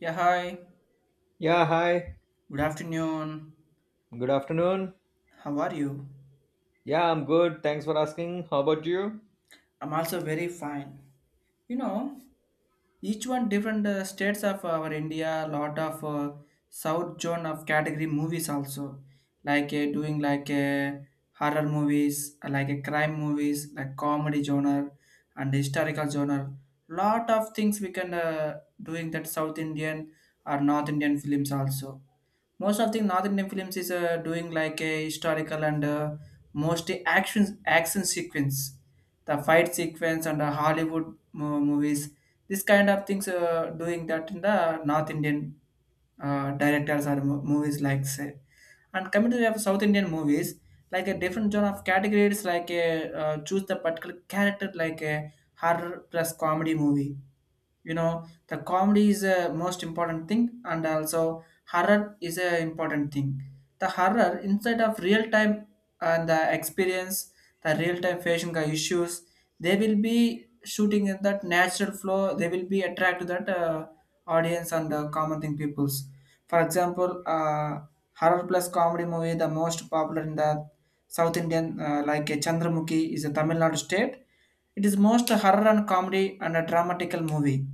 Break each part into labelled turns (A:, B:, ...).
A: Yeah, hi.
B: Yeah, hi.
A: Good afternoon.
B: Good afternoon.
A: How are you?
B: Yeah, I'm good. Thanks for asking. How about you?
A: I'm also very fine. You know, each one different states of our India, lot of south zone of category movies also, like doing like horror movies, like crime movies, like comedy genre and historical genre. Lot of things we can doing that South Indian or North Indian films also most of the North Indian films is doing like a historical and mostly action sequence, the fight sequence and the Hollywood movies. This kind of things doing that in the North Indian directors or movies like say. And coming to the of South Indian movies, like a different genre of categories, like a choose the particular character, like a horror plus comedy movie. You know, the comedy is a most important thing, and also horror is a important thing. The horror instead of real time and the experience, the real time facing the issues, they will be shooting at that natural flow. They will be attract to that audience and the common thing peoples for example horror plus comedy movie the most popular in the South Indian like Chandramukhi is a Tamil Nadu state. It is most horror and comedy and a dramatical movie.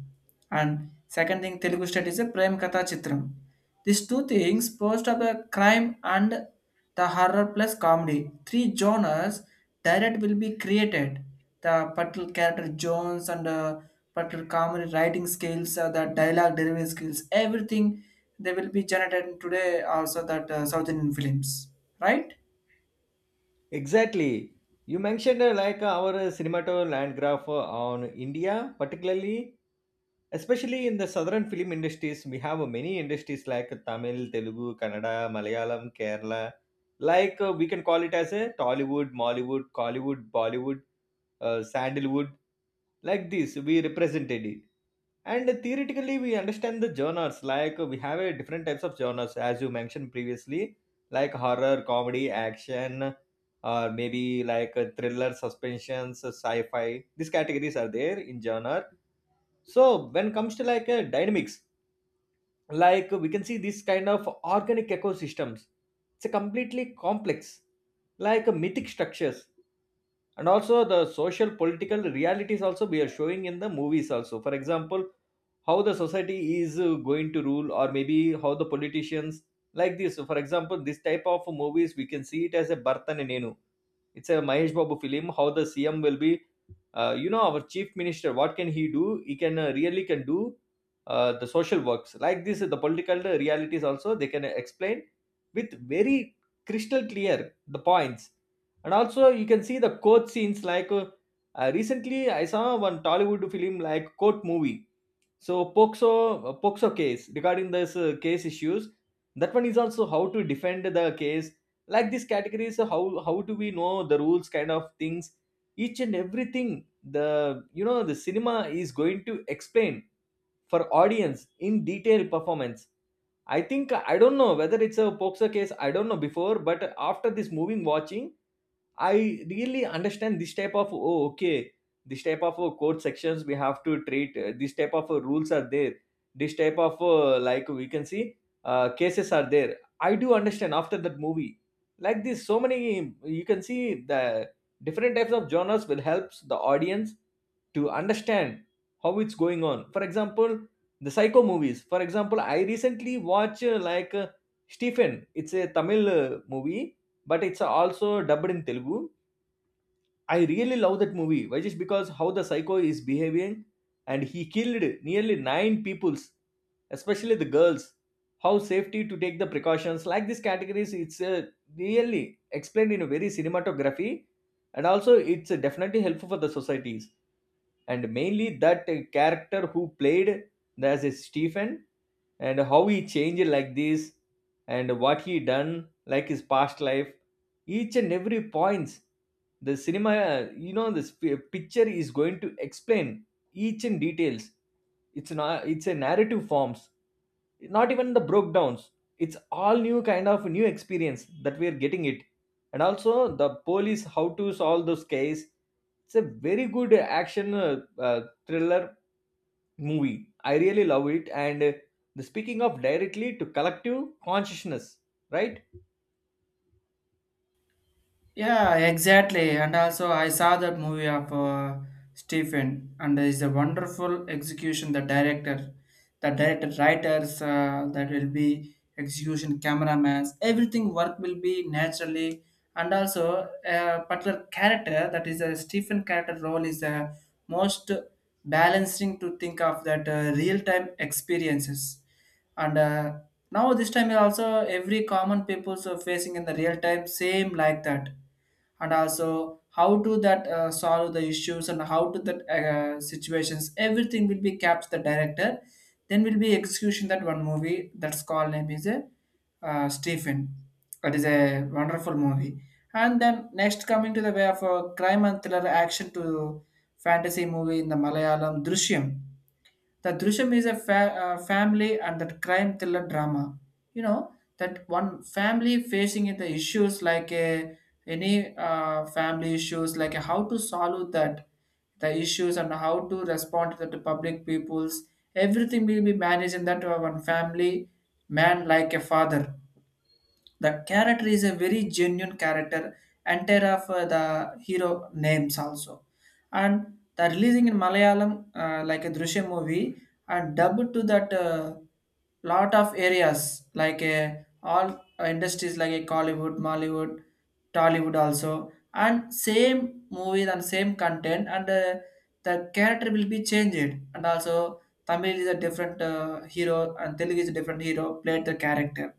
A: And second thing Telugu state is a Prem Katha Chitram. These two things post of a crime and the horror plus comedy. Three genres direct will be created. The particular character Jones and particular comedy writing skills, the dialogue delivery skills, everything they will be generated today also that southern films, right?
B: Exactly. You mentioned our cinemato land graph on India, particularly, especially in the southern film industries. We have many industries like Tamil, Telugu, Kannada, Malayalam, Kerala. We can call it as a Tollywood, Mollywood, Collywood, Bollywood, Sandalwood. Like this we represented it, and theoretically we understand the genres. Like we have a different types of genres, as you mentioned previously, like horror, comedy, action, or maybe like a thriller, suspensions, sci-fi. These categories are there in genre. So when comes to like a dynamics, like we can see this kind of organic ecosystems, it's a completely complex, like a mythic structures, and also the social political realities also we are showing in the movies also. For example, how the society is going to rule, or maybe how the politicians, like this. So for example, this type of movies we can see it as a Bartan and Nenu. It's a Mahesh Babu film. How the CM will be, you know, our chief minister, what can he do? He can really can do the social works, like this. The political realities also they can explain with very crystal clear the points. And also you can see the court scenes, like recently I saw one Tollywood film like court movie. So POXO, POXO case regarding this case issues, that one is also how to defend the case. Like these categories, how do we know the rules, kind of things, each and everything. The, you know, the cinema is going to explain for audience in detail performance. I think I don't know whether it's a POXO case. I don't know before, but after this moving watching, I really understand this type of. Oh, okay, this type of code sections we have to treat, this type of rules are there, this type of, like we can see, cases are there. I do understand after that movie, like this. So many, you can see the different types of genres will help the audience to understand how it's going on. For example, the psycho movies. For example, I recently watch Stephen. It's a Tamil movie, but it's also dubbed in Telugu. I really love that movie. Why? Just because how the psycho is behaving, and he killed nearly 9 peoples, especially the girls. How safety to take the precautions, like these categories, it's really explained in a very cinematography, and also it's definitely helpful for the societies. And mainly that character who played as a Stephen, and how he changed, like this, and what he done, like his past life, each and every points, the cinema, you know, this picture is going to explain each in details. It's not, it's a narrative forms, not even the breakdowns. It's all new kind of new experience that we are getting it. And also the police, how to solve those case. It's a very good action, thriller movie. I really love it. And the speaking of directly to collective consciousness, right?
A: Yeah, exactly. And also, I saw that movie of Stephen, and it's a wonderful execution. The director, writers, that will be execution, cameramans, everything work will be naturally. And also, a particular character that is a Stephen character role is the most balancing to think of that real time experiences. And now this time also every common people's are facing in the real time same like that and also how to that solve the issues and how to that situations everything will be kept the director then will be execution that one movie that's called name is a Stephen. That is a wonderful movie. And then next coming to the way of a crime and thriller action to fantasy movie in the Malayalam Drishyam. The Drishyam is a family and that crime thriller drama. You know that one family facing in the issues like a any family issues like how to solve that the issues and how to respond to the public peoples everything will be managed in that one family man like a father the character is a very genuine character, entire of the hero names also. And the releasing in Malayalam, like a Drishyam movie, and dubbed to that lot of areas, like all industries like a Collywood, Mollywood, Tollywood also, and same movies and same content, and the character will be changed, and also Tamil is a different hero and Telugu is a different hero played the character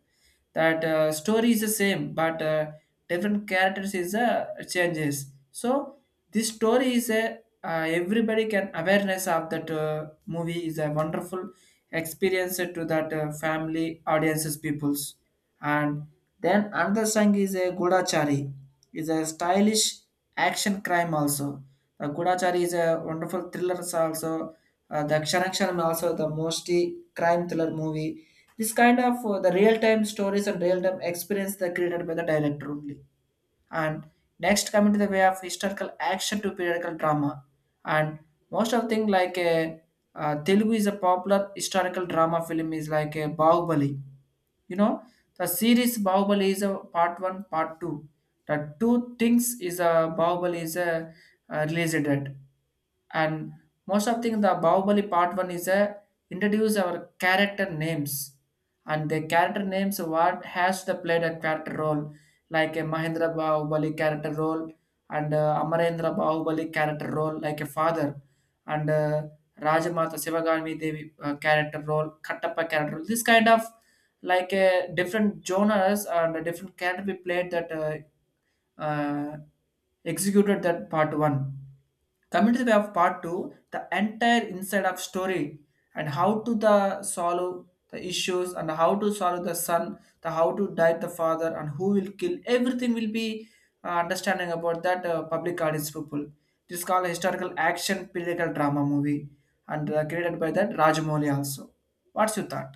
A: that story is the same but different characters is changes so this story is a everybody can awareness of that movie is a wonderful experience to that family audiences peoples and then another song is a Gudachari is a stylish action crime also the Gudachari is a wonderful thriller also the Kshanakshana also the mostly crime thriller movie this kind of the real-time stories and real-time experience that created by the director only. And next coming to the way of historical action to periodical drama. And most of thing like a Telugu is a popular historical drama film is like a Bahubali. You know the series Bahubali is a part one, part two. The two things is a Bahubali is a released it and most of thing the Bahubali part one is a introduce our character names and the character names what has the played a character role like a Mahendra Bahubali character role and Amarendra Bahubali character role like a father and Rajamata Sivagami Devi character role Kattappa character role this kind of like a different genres and a different character we played that uh, executed that part one. Coming to the way of part two, the entire inside of story and how to the solve the issues and how to solve the son, the how to die the father and who will kill everything will be understanding about that public audience people. This is called a historical action political drama movie and created by that Rajamouli also. What's your thought?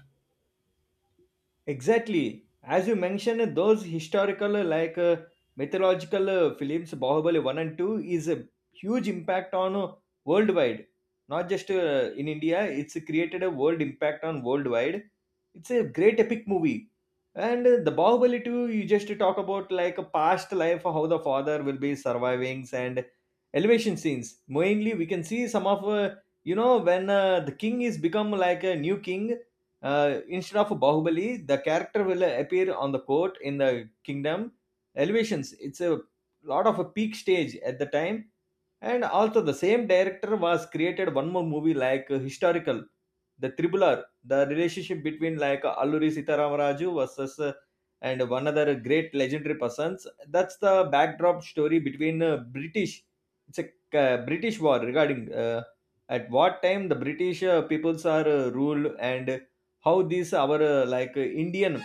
B: Exactly. As you mentioned, those historical, mythological films, Bahubali 1 and 2, is a huge impact on worldwide. Not just in India, it's created a world impact on worldwide. It's a great epic movie. And the Bahubali 2, you just talk about like a past life, how the father will be surviving and elevation scenes. Mainly, we can see some of, you know, when the king is become like a new king instead of Bahubali, the character will appear on the court in the kingdom elevations. It's a lot of a peak stage at the time. And also the same director was created one more movie, like historical, the Tribular, the relationship between like Alluri Sitaramaraju versus and one other great legendary persons. That's the backdrop story between British. It's a British war regarding at what time the British peoples are ruled, and how these our Indian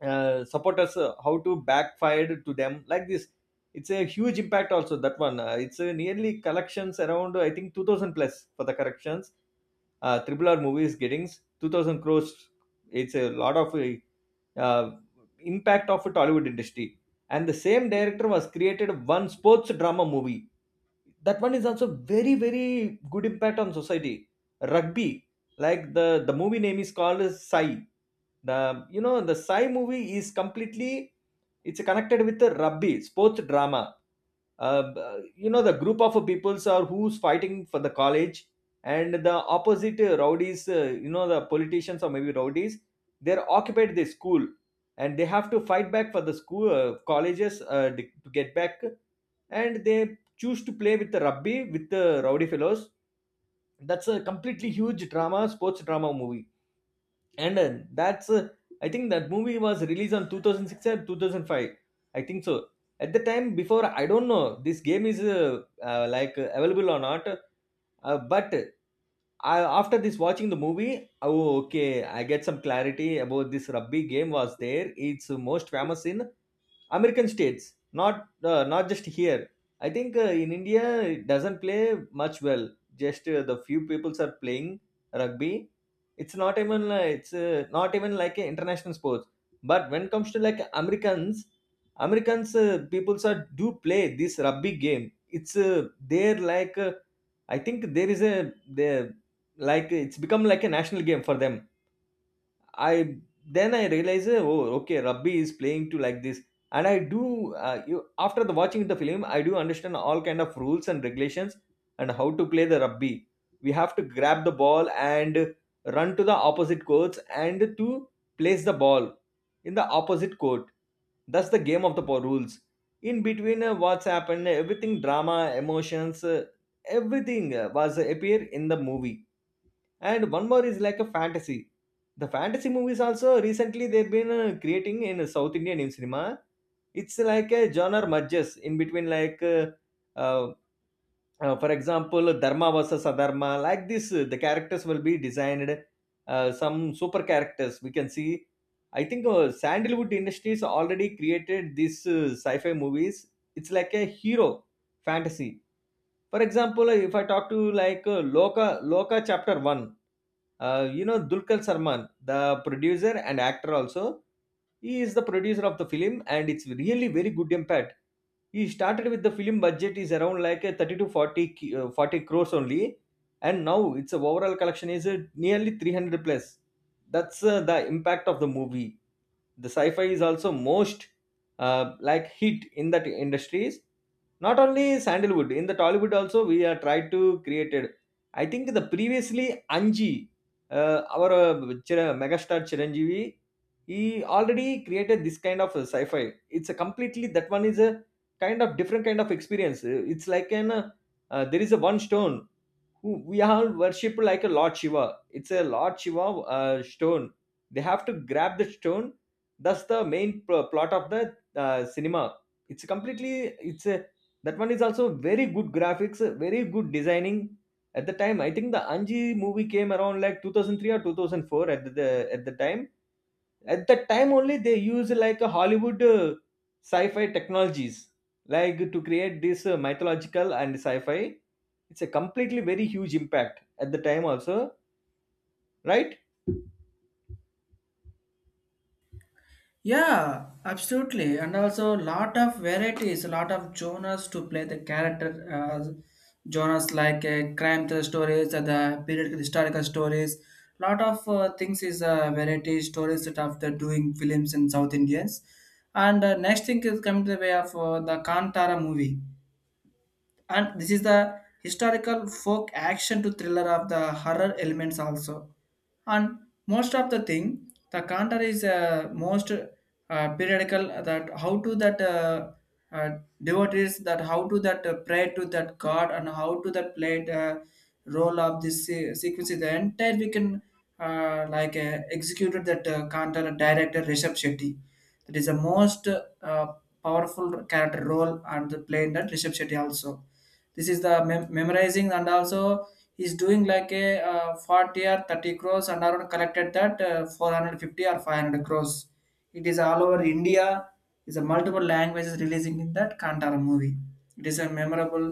B: supporters, how to backfire to them, like this. It's a huge impact also. That one, it's nearly collections around, I think, 2000 plus for the corrections. RRR movies gettings 2000 crores. It's a lot of uh, impact of Tollywood industry. And the same director was created one sports drama movie. That one is also very very good impact on society. Rugby. Like, the movie name is called as Sai. The, you know, the Sai movie is completely, it's connected with the rugby sports drama. Uh, you know, the group of peoples are who's fighting for the college, and the opposite rowdies, you know, the politicians or maybe rowdies, they're occupied the school. And they have to fight back for the school colleges, to get back, and they choose to play with the rugby with the rowdy fellows. That's a completely huge drama sports drama movie. And that's I think that movie was released on 2006 or 2005, I think so. At the time before I don't know this game is available or not, but I, after this watching the movie, oh okay, I get some clarity about this rugby game was there. It's most famous in American states, not, not just here. I think in India it doesn't play much well. Just the few peoples are playing rugby. It's not even, it's not even like a international sports. But when it comes to like Americans, Americans peoples are do play this rugby game. It's they're like, I think there is a, they, like, it's become like a national game for them. I then I realized, oh, okay, Rabbi is playing to like this, and I do. You, after the watching the film, I do understand all kind of rules and regulations, and how to play the Rabbi. We have to grab the ball and run to the opposite courts and to place the ball in the opposite court. That's the game of the rules. In between, what's happened, everything drama, emotions, everything was appear in the movie. And one more is like a fantasy. The fantasy movies also recently they've been creating in south Indian in cinema. It's like a genre merges in between, like uh, for example, dharma versus adharma, like this, the characters will be designed. Some super characters we can see. I think Sandalwood industries already created these sci-fi movies. It's like a hero fantasy. For example, if I talk to like Loka Chapter 1. You know, Dulkar Sarman, the producer and actor also, he is the producer of the film, and it's really very good impact. He started with the film budget is around like a 30 to 40, 40 crores only. And now its overall collection is nearly 300 plus. That's the impact of the movie. The sci-fi is also most like hit in that industries. Not only Sandalwood, in the Tollywood also we are tried to created. I think the previously Anji, uh, our uh, megastar Chiranjeevi, he already created this kind of sci-fi. It's a completely, that one is a kind of different kind of experience. It's like an, there is a one stone we all worship like a Lord Shiva. It's a Lord Shiva stone. They have to grab the stone. That's the main plot of the cinema. It's completely. It's a, that one is also very good graphics, very good designing. At the time, I think the Anji movie came around like 2003 or 2004. At the time, at that time only they use like a Hollywood sci-fi technologies like to create this mythological and sci-fi. It's a completely very huge impact at the time also, right?
A: Yeah, absolutely, and also lot of varieties, a lot of genres to play the character genres like crime thriller stories, or the period historical stories. Lot of things is variety stories that after doing films in South Indians, and next thing is coming to the way of the Kantara movie and this is the historical folk action to thriller of the horror elements also and most of the thing the counter is most periodical that how to that devotees that how to that pray to that god and how to that play the role of this sequence is the entire we can like executed that counter director Rishabh Shetty that is the most powerful character role and the played that Rishabh Shetty also this is the memorizing and also he's doing like a 40 or 30 crores and around collected that 450 or 500 crores it is all over india. It's a multiple languages releasing in that kantara movie it is a memorable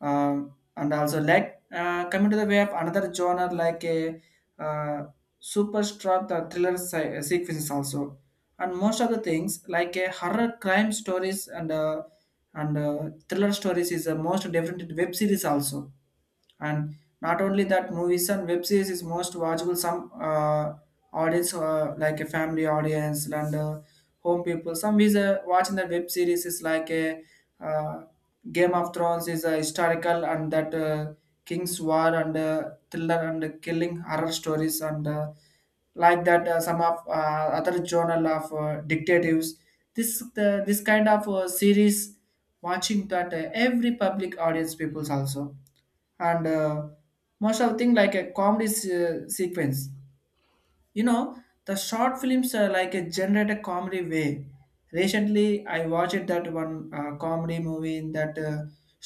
A: uh, and also like coming to the way of another genre like a uh, superstruck the thriller sequences also and most of the things like a horror crime stories and thriller stories is the most different web series also and not only that movies and web series is most watchable some audience like a family audience and home people some is watching the web series is like a uh, game of thrones is a historical and that king's war and thriller and killing horror stories and like that some of other journal of dictatives this kind of series watching that every public audience peoples also and most of thing like a comedy sequence you know the short films are like a generate a comedy way recently I watched that one comedy movie in that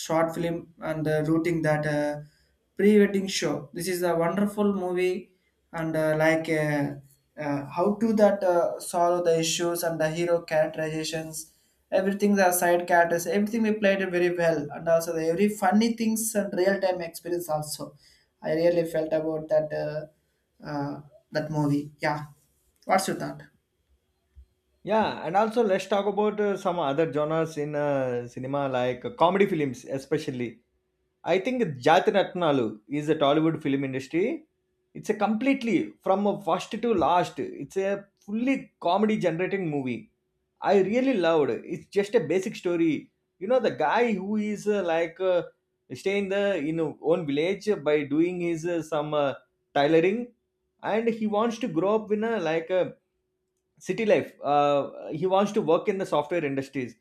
A: short film and rooting that pre-wedding show this is a wonderful movie and like how to that solve the issues and the hero characterizations everything the side characters everything we played it very well and also the every funny things and real time experience also I really felt about that uh, that movie yeah what's your thought.
B: Yeah, and also let's talk about some other genres in cinema, like comedy films especially. I think Jatiratnalu is a Tollywood film industry. It's a completely, from a first to last, it's a fully comedy generating movie. I really loved. It's just a basic story. You know, the guy who is stay in the in a own village by doing his some tailoring, and he wants to grow up in a like a city life. He wants to work in the software industries,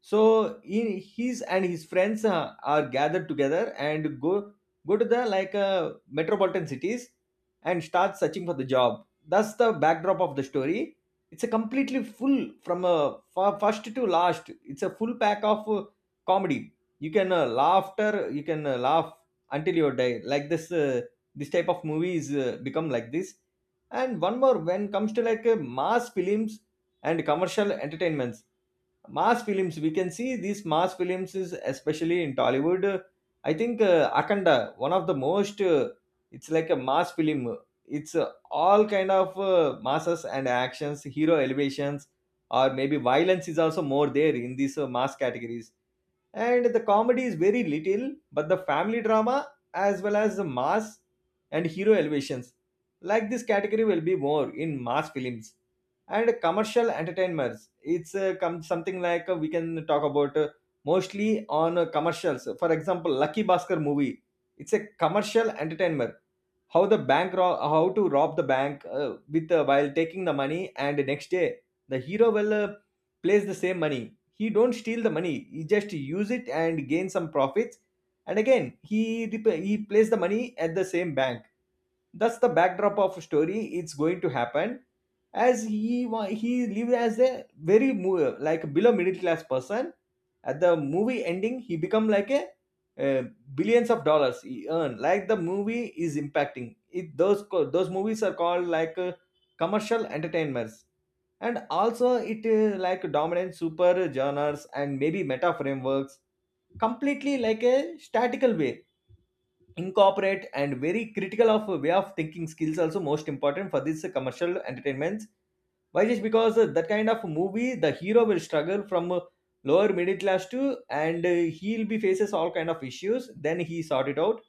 B: so in his and his friends are gathered together and go to the like metropolitan cities and start searching for the job. That's the backdrop of the story. It's a completely full from a first to last. It's a full pack of comedy. You can laughter, you can laugh until your day. Like this type of movies become like this. And one more, when comes to like mass films and commercial entertainments. Mass films, we can see these mass films is especially in Tollywood. I think Akanda, one of the most it's like a mass film. It's all kind of masses and actions, hero elevations, or maybe violence is also more there in these mass categories. And the comedy is very little, but the family drama, as well as the mass and hero elevations, like this category will be more in mass films. And commercial entertainments, it's come something like we can talk about mostly on commercials. For example, Lucky Bhaskar movie, it's a commercial entertainer. How the how to rob the bank with while taking the money, and the next day the hero will place the same money. He don't steal the money, he just use it and gain some profits, and again he he place the money at the same bank. That's the backdrop of story, it's going to happen. As he lived as a like below middle class person. At the movie ending, he become like a uh, billions of dollars he earn. Like the movie is impacting it. Those those movies are called like commercial entertainments. And also it like dominant super genres and maybe meta frameworks, completely like a statical way incorporate, and very critical of way of thinking skills also most important for this commercial entertainments. Why? Just because that kind of movie, the hero will struggle from lower middle class to, and he'll be faces all kind of issues, then he sort it out.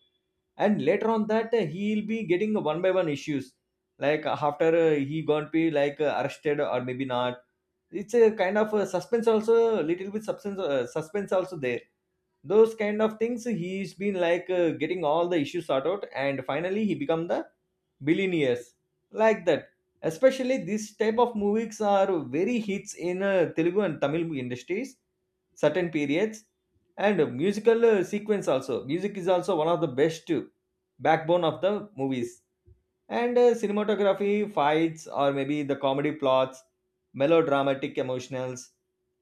B: And later on that he'll be getting one by one issues, like after he gonna be like arrested or maybe not. It's a kind of a suspense also, little bit substance suspense also there. Those kind of things, he's been like getting all the issues sorted out, and finally he become the billionaires, like that. Especially this type of movies are very hits in Telugu and Tamil industries certain periods. And musical sequence also, music is also one of the best backbone of the movies. And cinematography, fights, or maybe the comedy plots, melodramatic emotionals,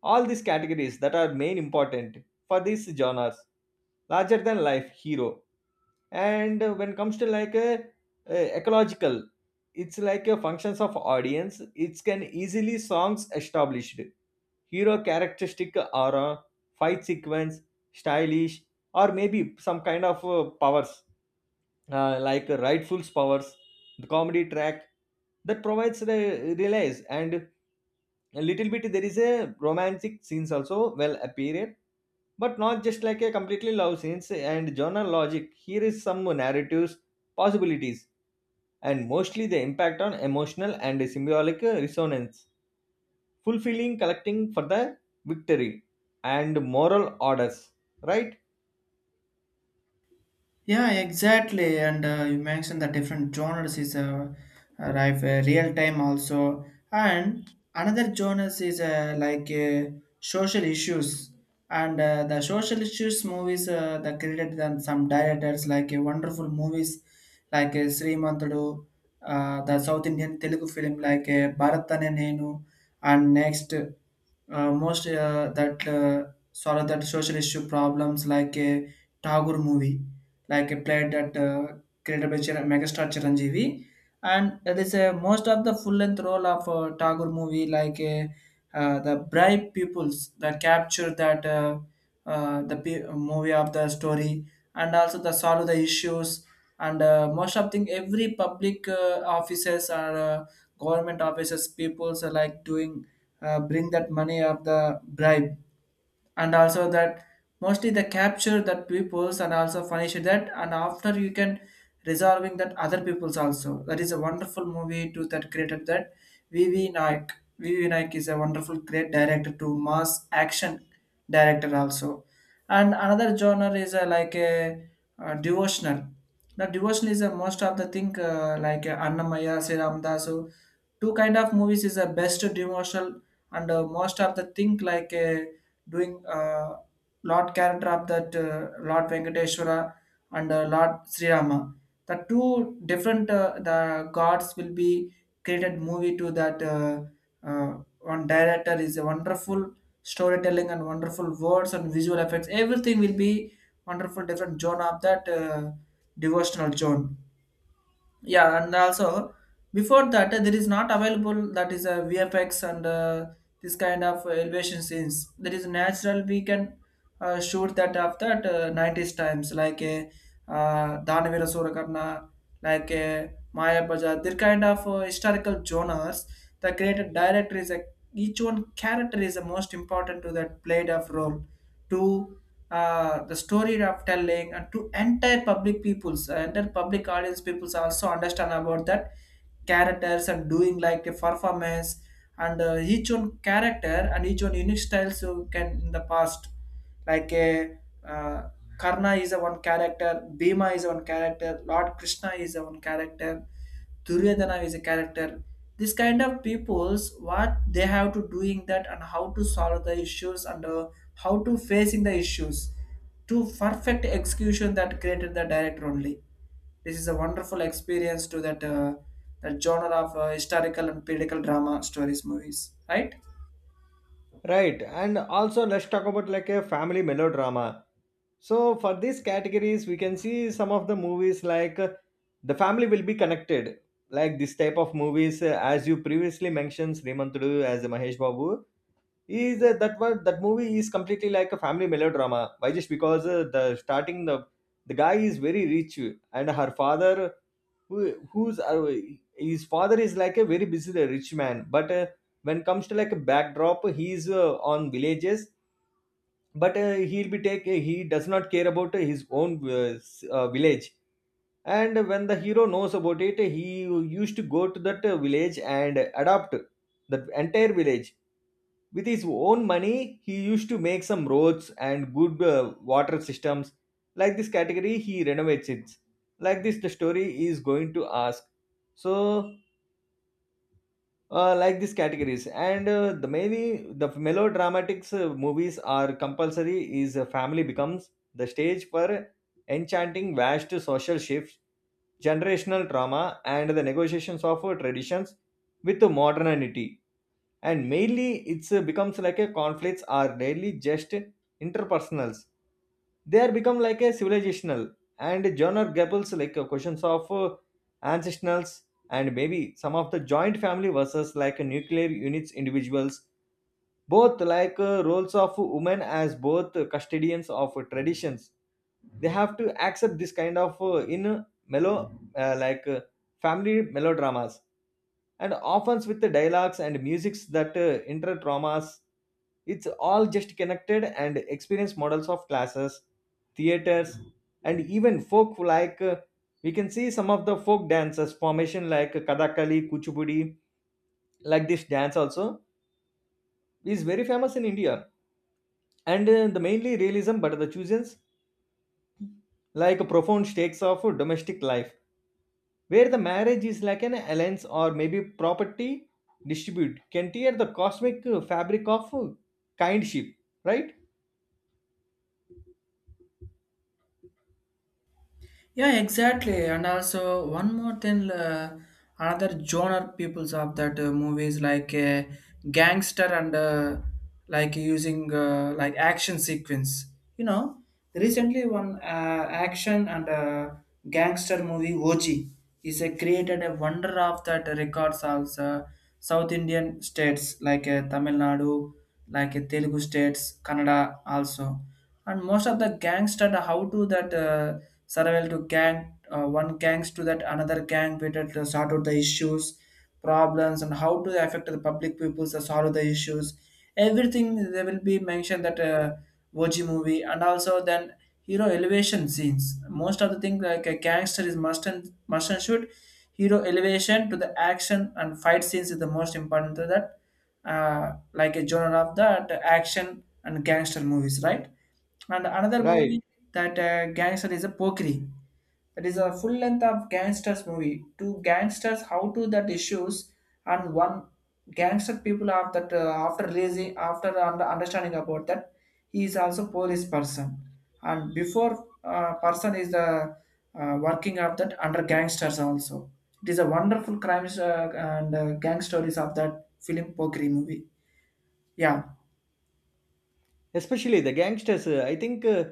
B: all these categories that are main important for these genres. Larger than life hero. And when it comes to like a ecological, it's like a functions of audience. It can easily songs established hero characteristic aura, fight sequence, stylish, or maybe some kind of powers, like Rightful's Powers, the comedy track that provides the relays. And a little bit there is a romantic scenes also well appeared, but not just like a completely love scenes. And genre logic here is some narratives possibilities, and mostly the impact on emotional and symbolic resonance, fulfilling collecting for the victory and moral orders. Right.
A: Yeah, exactly. And you mentioned the different genres is arrive real time also, and another genres is like social issues. And the social issues movies that created them some directors like wonderful movies like Srimantudu, the South Indian Telugu film like Bharatane Nenu, and next most that sort of that social issue problems like Tagore movie like he played that, created by megastar Chiranjeevi, and that is a most of the full length role of Tagore movie, like the bright pupils that capture that the movie of the story, and also the solve the issues, and most of thing every public offices or uh, government offices peoples are like doing bring that money of the bribe and also that mostly they capture that peoples and also finish that and after you can resolving that other peoples also that is a wonderful movie too that created that V V naik. V V naik is a wonderful great director to mass action director also. And another genre is a, like a, devotional. Now devotional is a most of the thing like annamaya sri Ramdasu, two kind of movies is a best devotional and most of the thing like doing Lord character of that Lord Venkateshwara and Lord Sri Rama. The two different the gods will be created movie to that one director is a wonderful storytelling and wonderful words and visual effects. Everything will be wonderful different zone of that devotional zone, yeah. And also before that, there is not available that is a vfx and this kind of elevation scenes there is natural we can shoot that of that 90s times like a danavira surakarna, like a maya bajar, their kind of historical genres. The created director is a each one character is the most important to that played of role to the story of telling and to entire public peoples, entire public audience peoples also understand about that characters and doing like a performance. And each one character and each one unique styles you can in the past, like a uh, Karna is a one character, Bhima is a one character, Lord Krishna is a one character, Duryodhana is a character. This kind of peoples, what they have to doing that and how to solve the issues, and how to facing the issues to perfect execution that created the director only. This is a wonderful experience to that, that genre of historical and political drama stories movies, right?
B: Right, and also let's talk about like a family melodrama. So for these categories, we can see some of the movies like the family will be connected. Like this type of movies, as you previously mentioned, Srimantudu, as Mahesh Babu is that one, that movie is completely like a family melodrama. Why just because the starting, the guy is very rich, and her father, who who's his father is like a very busy rich man. But when it comes to like a backdrop, he's on villages. But he'll be take he does not care about his own village. And when the hero knows about it, he used to go to that village and adopt that entire village. With his own money, he used to make some roads and good water systems. Like this category, he renovates it. Like this, the story is going to ask. So like these categories, and the many the melodramatics movies are compulsory. Is a family becomes the stage for enchanting vast social shifts, generational trauma, and the negotiations of traditions with modernity. And mainly it's becomes like a conflicts are rarely just interpersonals, they are become like a civilizational. And genre gables like questions of ancestrals, and maybe some of the joint family versus like a nuclear units individuals, both like roles of women as both custodians of traditions. They have to accept this kind of in mellow like family melodramas. And often with the dialogues and musics that inter traumas, it's all just connected and experience models of classes, theaters, and even folk. Like we can see some of the folk dances formation like Kathakali, Kuchipudi, like this dance also is very famous in India. And the mainly realism, but the choosings like profound stakes of domestic life, where the marriage is like an alliance, or maybe property distribute, can tear the cosmic fabric of kindship. Right.
A: Yeah, exactly. And also one more thing, another genre peoples of that movies like gangster and like using like action sequence. You know, recently one action and gangster movie OG is a created a wonder of that records also. South Indian states like Tamil Nadu, like Telugu states, Kannada also, and most of the gangs, that how to that survival to gang, one gangs to that another gang waited to sort out the issues problems and how to affect the public peoples to solve the issues. Everything they will be mentioned that OG movie. And also then hero elevation scenes, most of the thing like a gangster is must and shoot. Hero elevation to the action and fight scenes is the most important to that like a genre of that action and gangster movies, right? And another
B: Right.
A: movie, that gangster, is a Pokri. That is a full length of gangsters movie. Two gangsters how to that issues, and one gangster people of that, after releasing, after understanding about that, he is also police person, and before person is the working of that under gangsters also. It is a wonderful crimes and gang stories of that film Pokri movie. Yeah.
B: Especially the gangsters, I think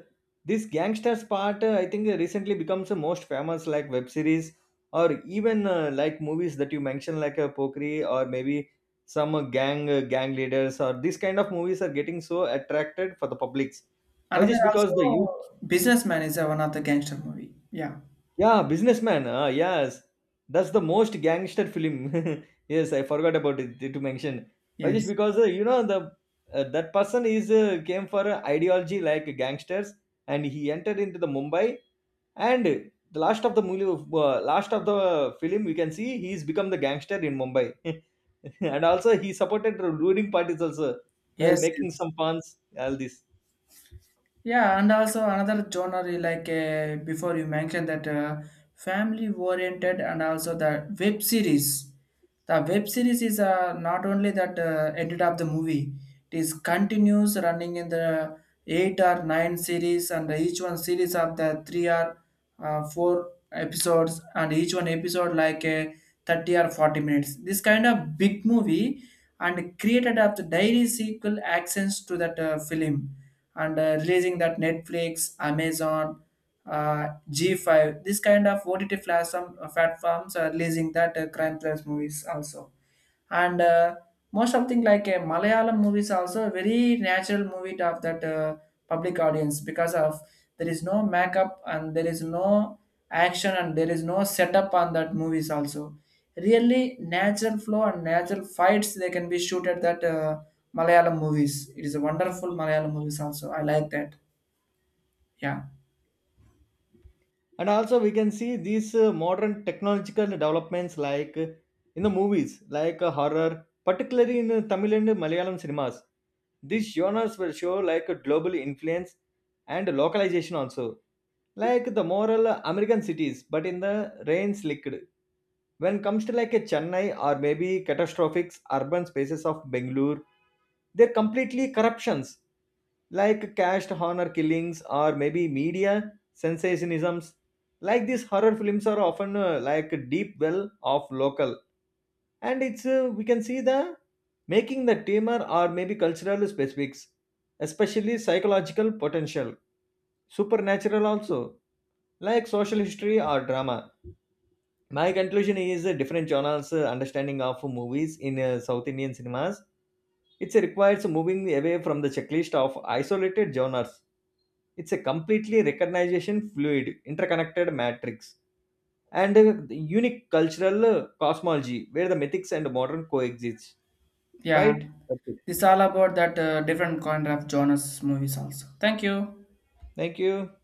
B: this gangsters part, I think recently becomes the most famous like web series or even like movies that you mentioned, like Pokri, or maybe some gang leaders, or these kind of movies are getting so attracted for the publics. Why
A: Another
B: just because the youth.
A: also, Businessman is one of the gangster movie. Yeah.
B: Yeah, businessman. Ah, yes, that's the most gangster film. Yes, I forgot about it to mention. Why just
A: Yes.
B: because you know the that person is came for a ideology like gangsters, and he entered into the Mumbai. And the last of the movie, last of the film, we can see he's become the gangster in Mumbai. And also he supported the ruling parties also, while
A: Yes,
B: making
A: yes.
B: some funds. All this.
A: Yeah, and also another genre, like before you mentioned that, family oriented, and also the web series. The web series is not only that ended up the movie. It is continues running in the eight or nine series, and each one series of the three or four episodes, and each one episode like a 30 or 40 minutes, this kind of big movie, and created up the daily sequel access to that film, and releasing that Netflix, Amazon, G5, this kind of OTT platform, platforms are releasing that crime plus movies also. And most of thing, like a Malayalam movies also, a very natural movie of that public audience, because of there is no makeup and there is no action and there is no setup on that movies also, really natural flow and natural fights they can be shoot at that Malayalam movies. It is a wonderful Malayalam movies also, I like that, yeah.
B: And also we can see these modern technological developments like in the movies like horror, particularly in Tamil and Malayalam cinemas. These genres will show like a global influence and localization also, like the moral American cities, but in the rain slicked, when comes to like a Chennai, or maybe catastrophic urban spaces of Bengaluru. They're completely corruptions, like caste honor killings, or maybe media sensationisms. Like these horror films are often like a deep well of local, and it's we can see the making the tamer, or maybe cultural specifics, especially psychological potential, supernatural also, like social history or drama. My conclusion is different genres understanding of movies in South Indian cinemas. It requires moving away from the checklist of isolated genres. It's a completely recognition fluid, interconnected matrix, and a unique cultural cosmology where the mythics and modern coexist.
A: Yeah,
B: Right? That's it.
A: it's all about that different kind of genres movies also. Thank you.
B: Thank you.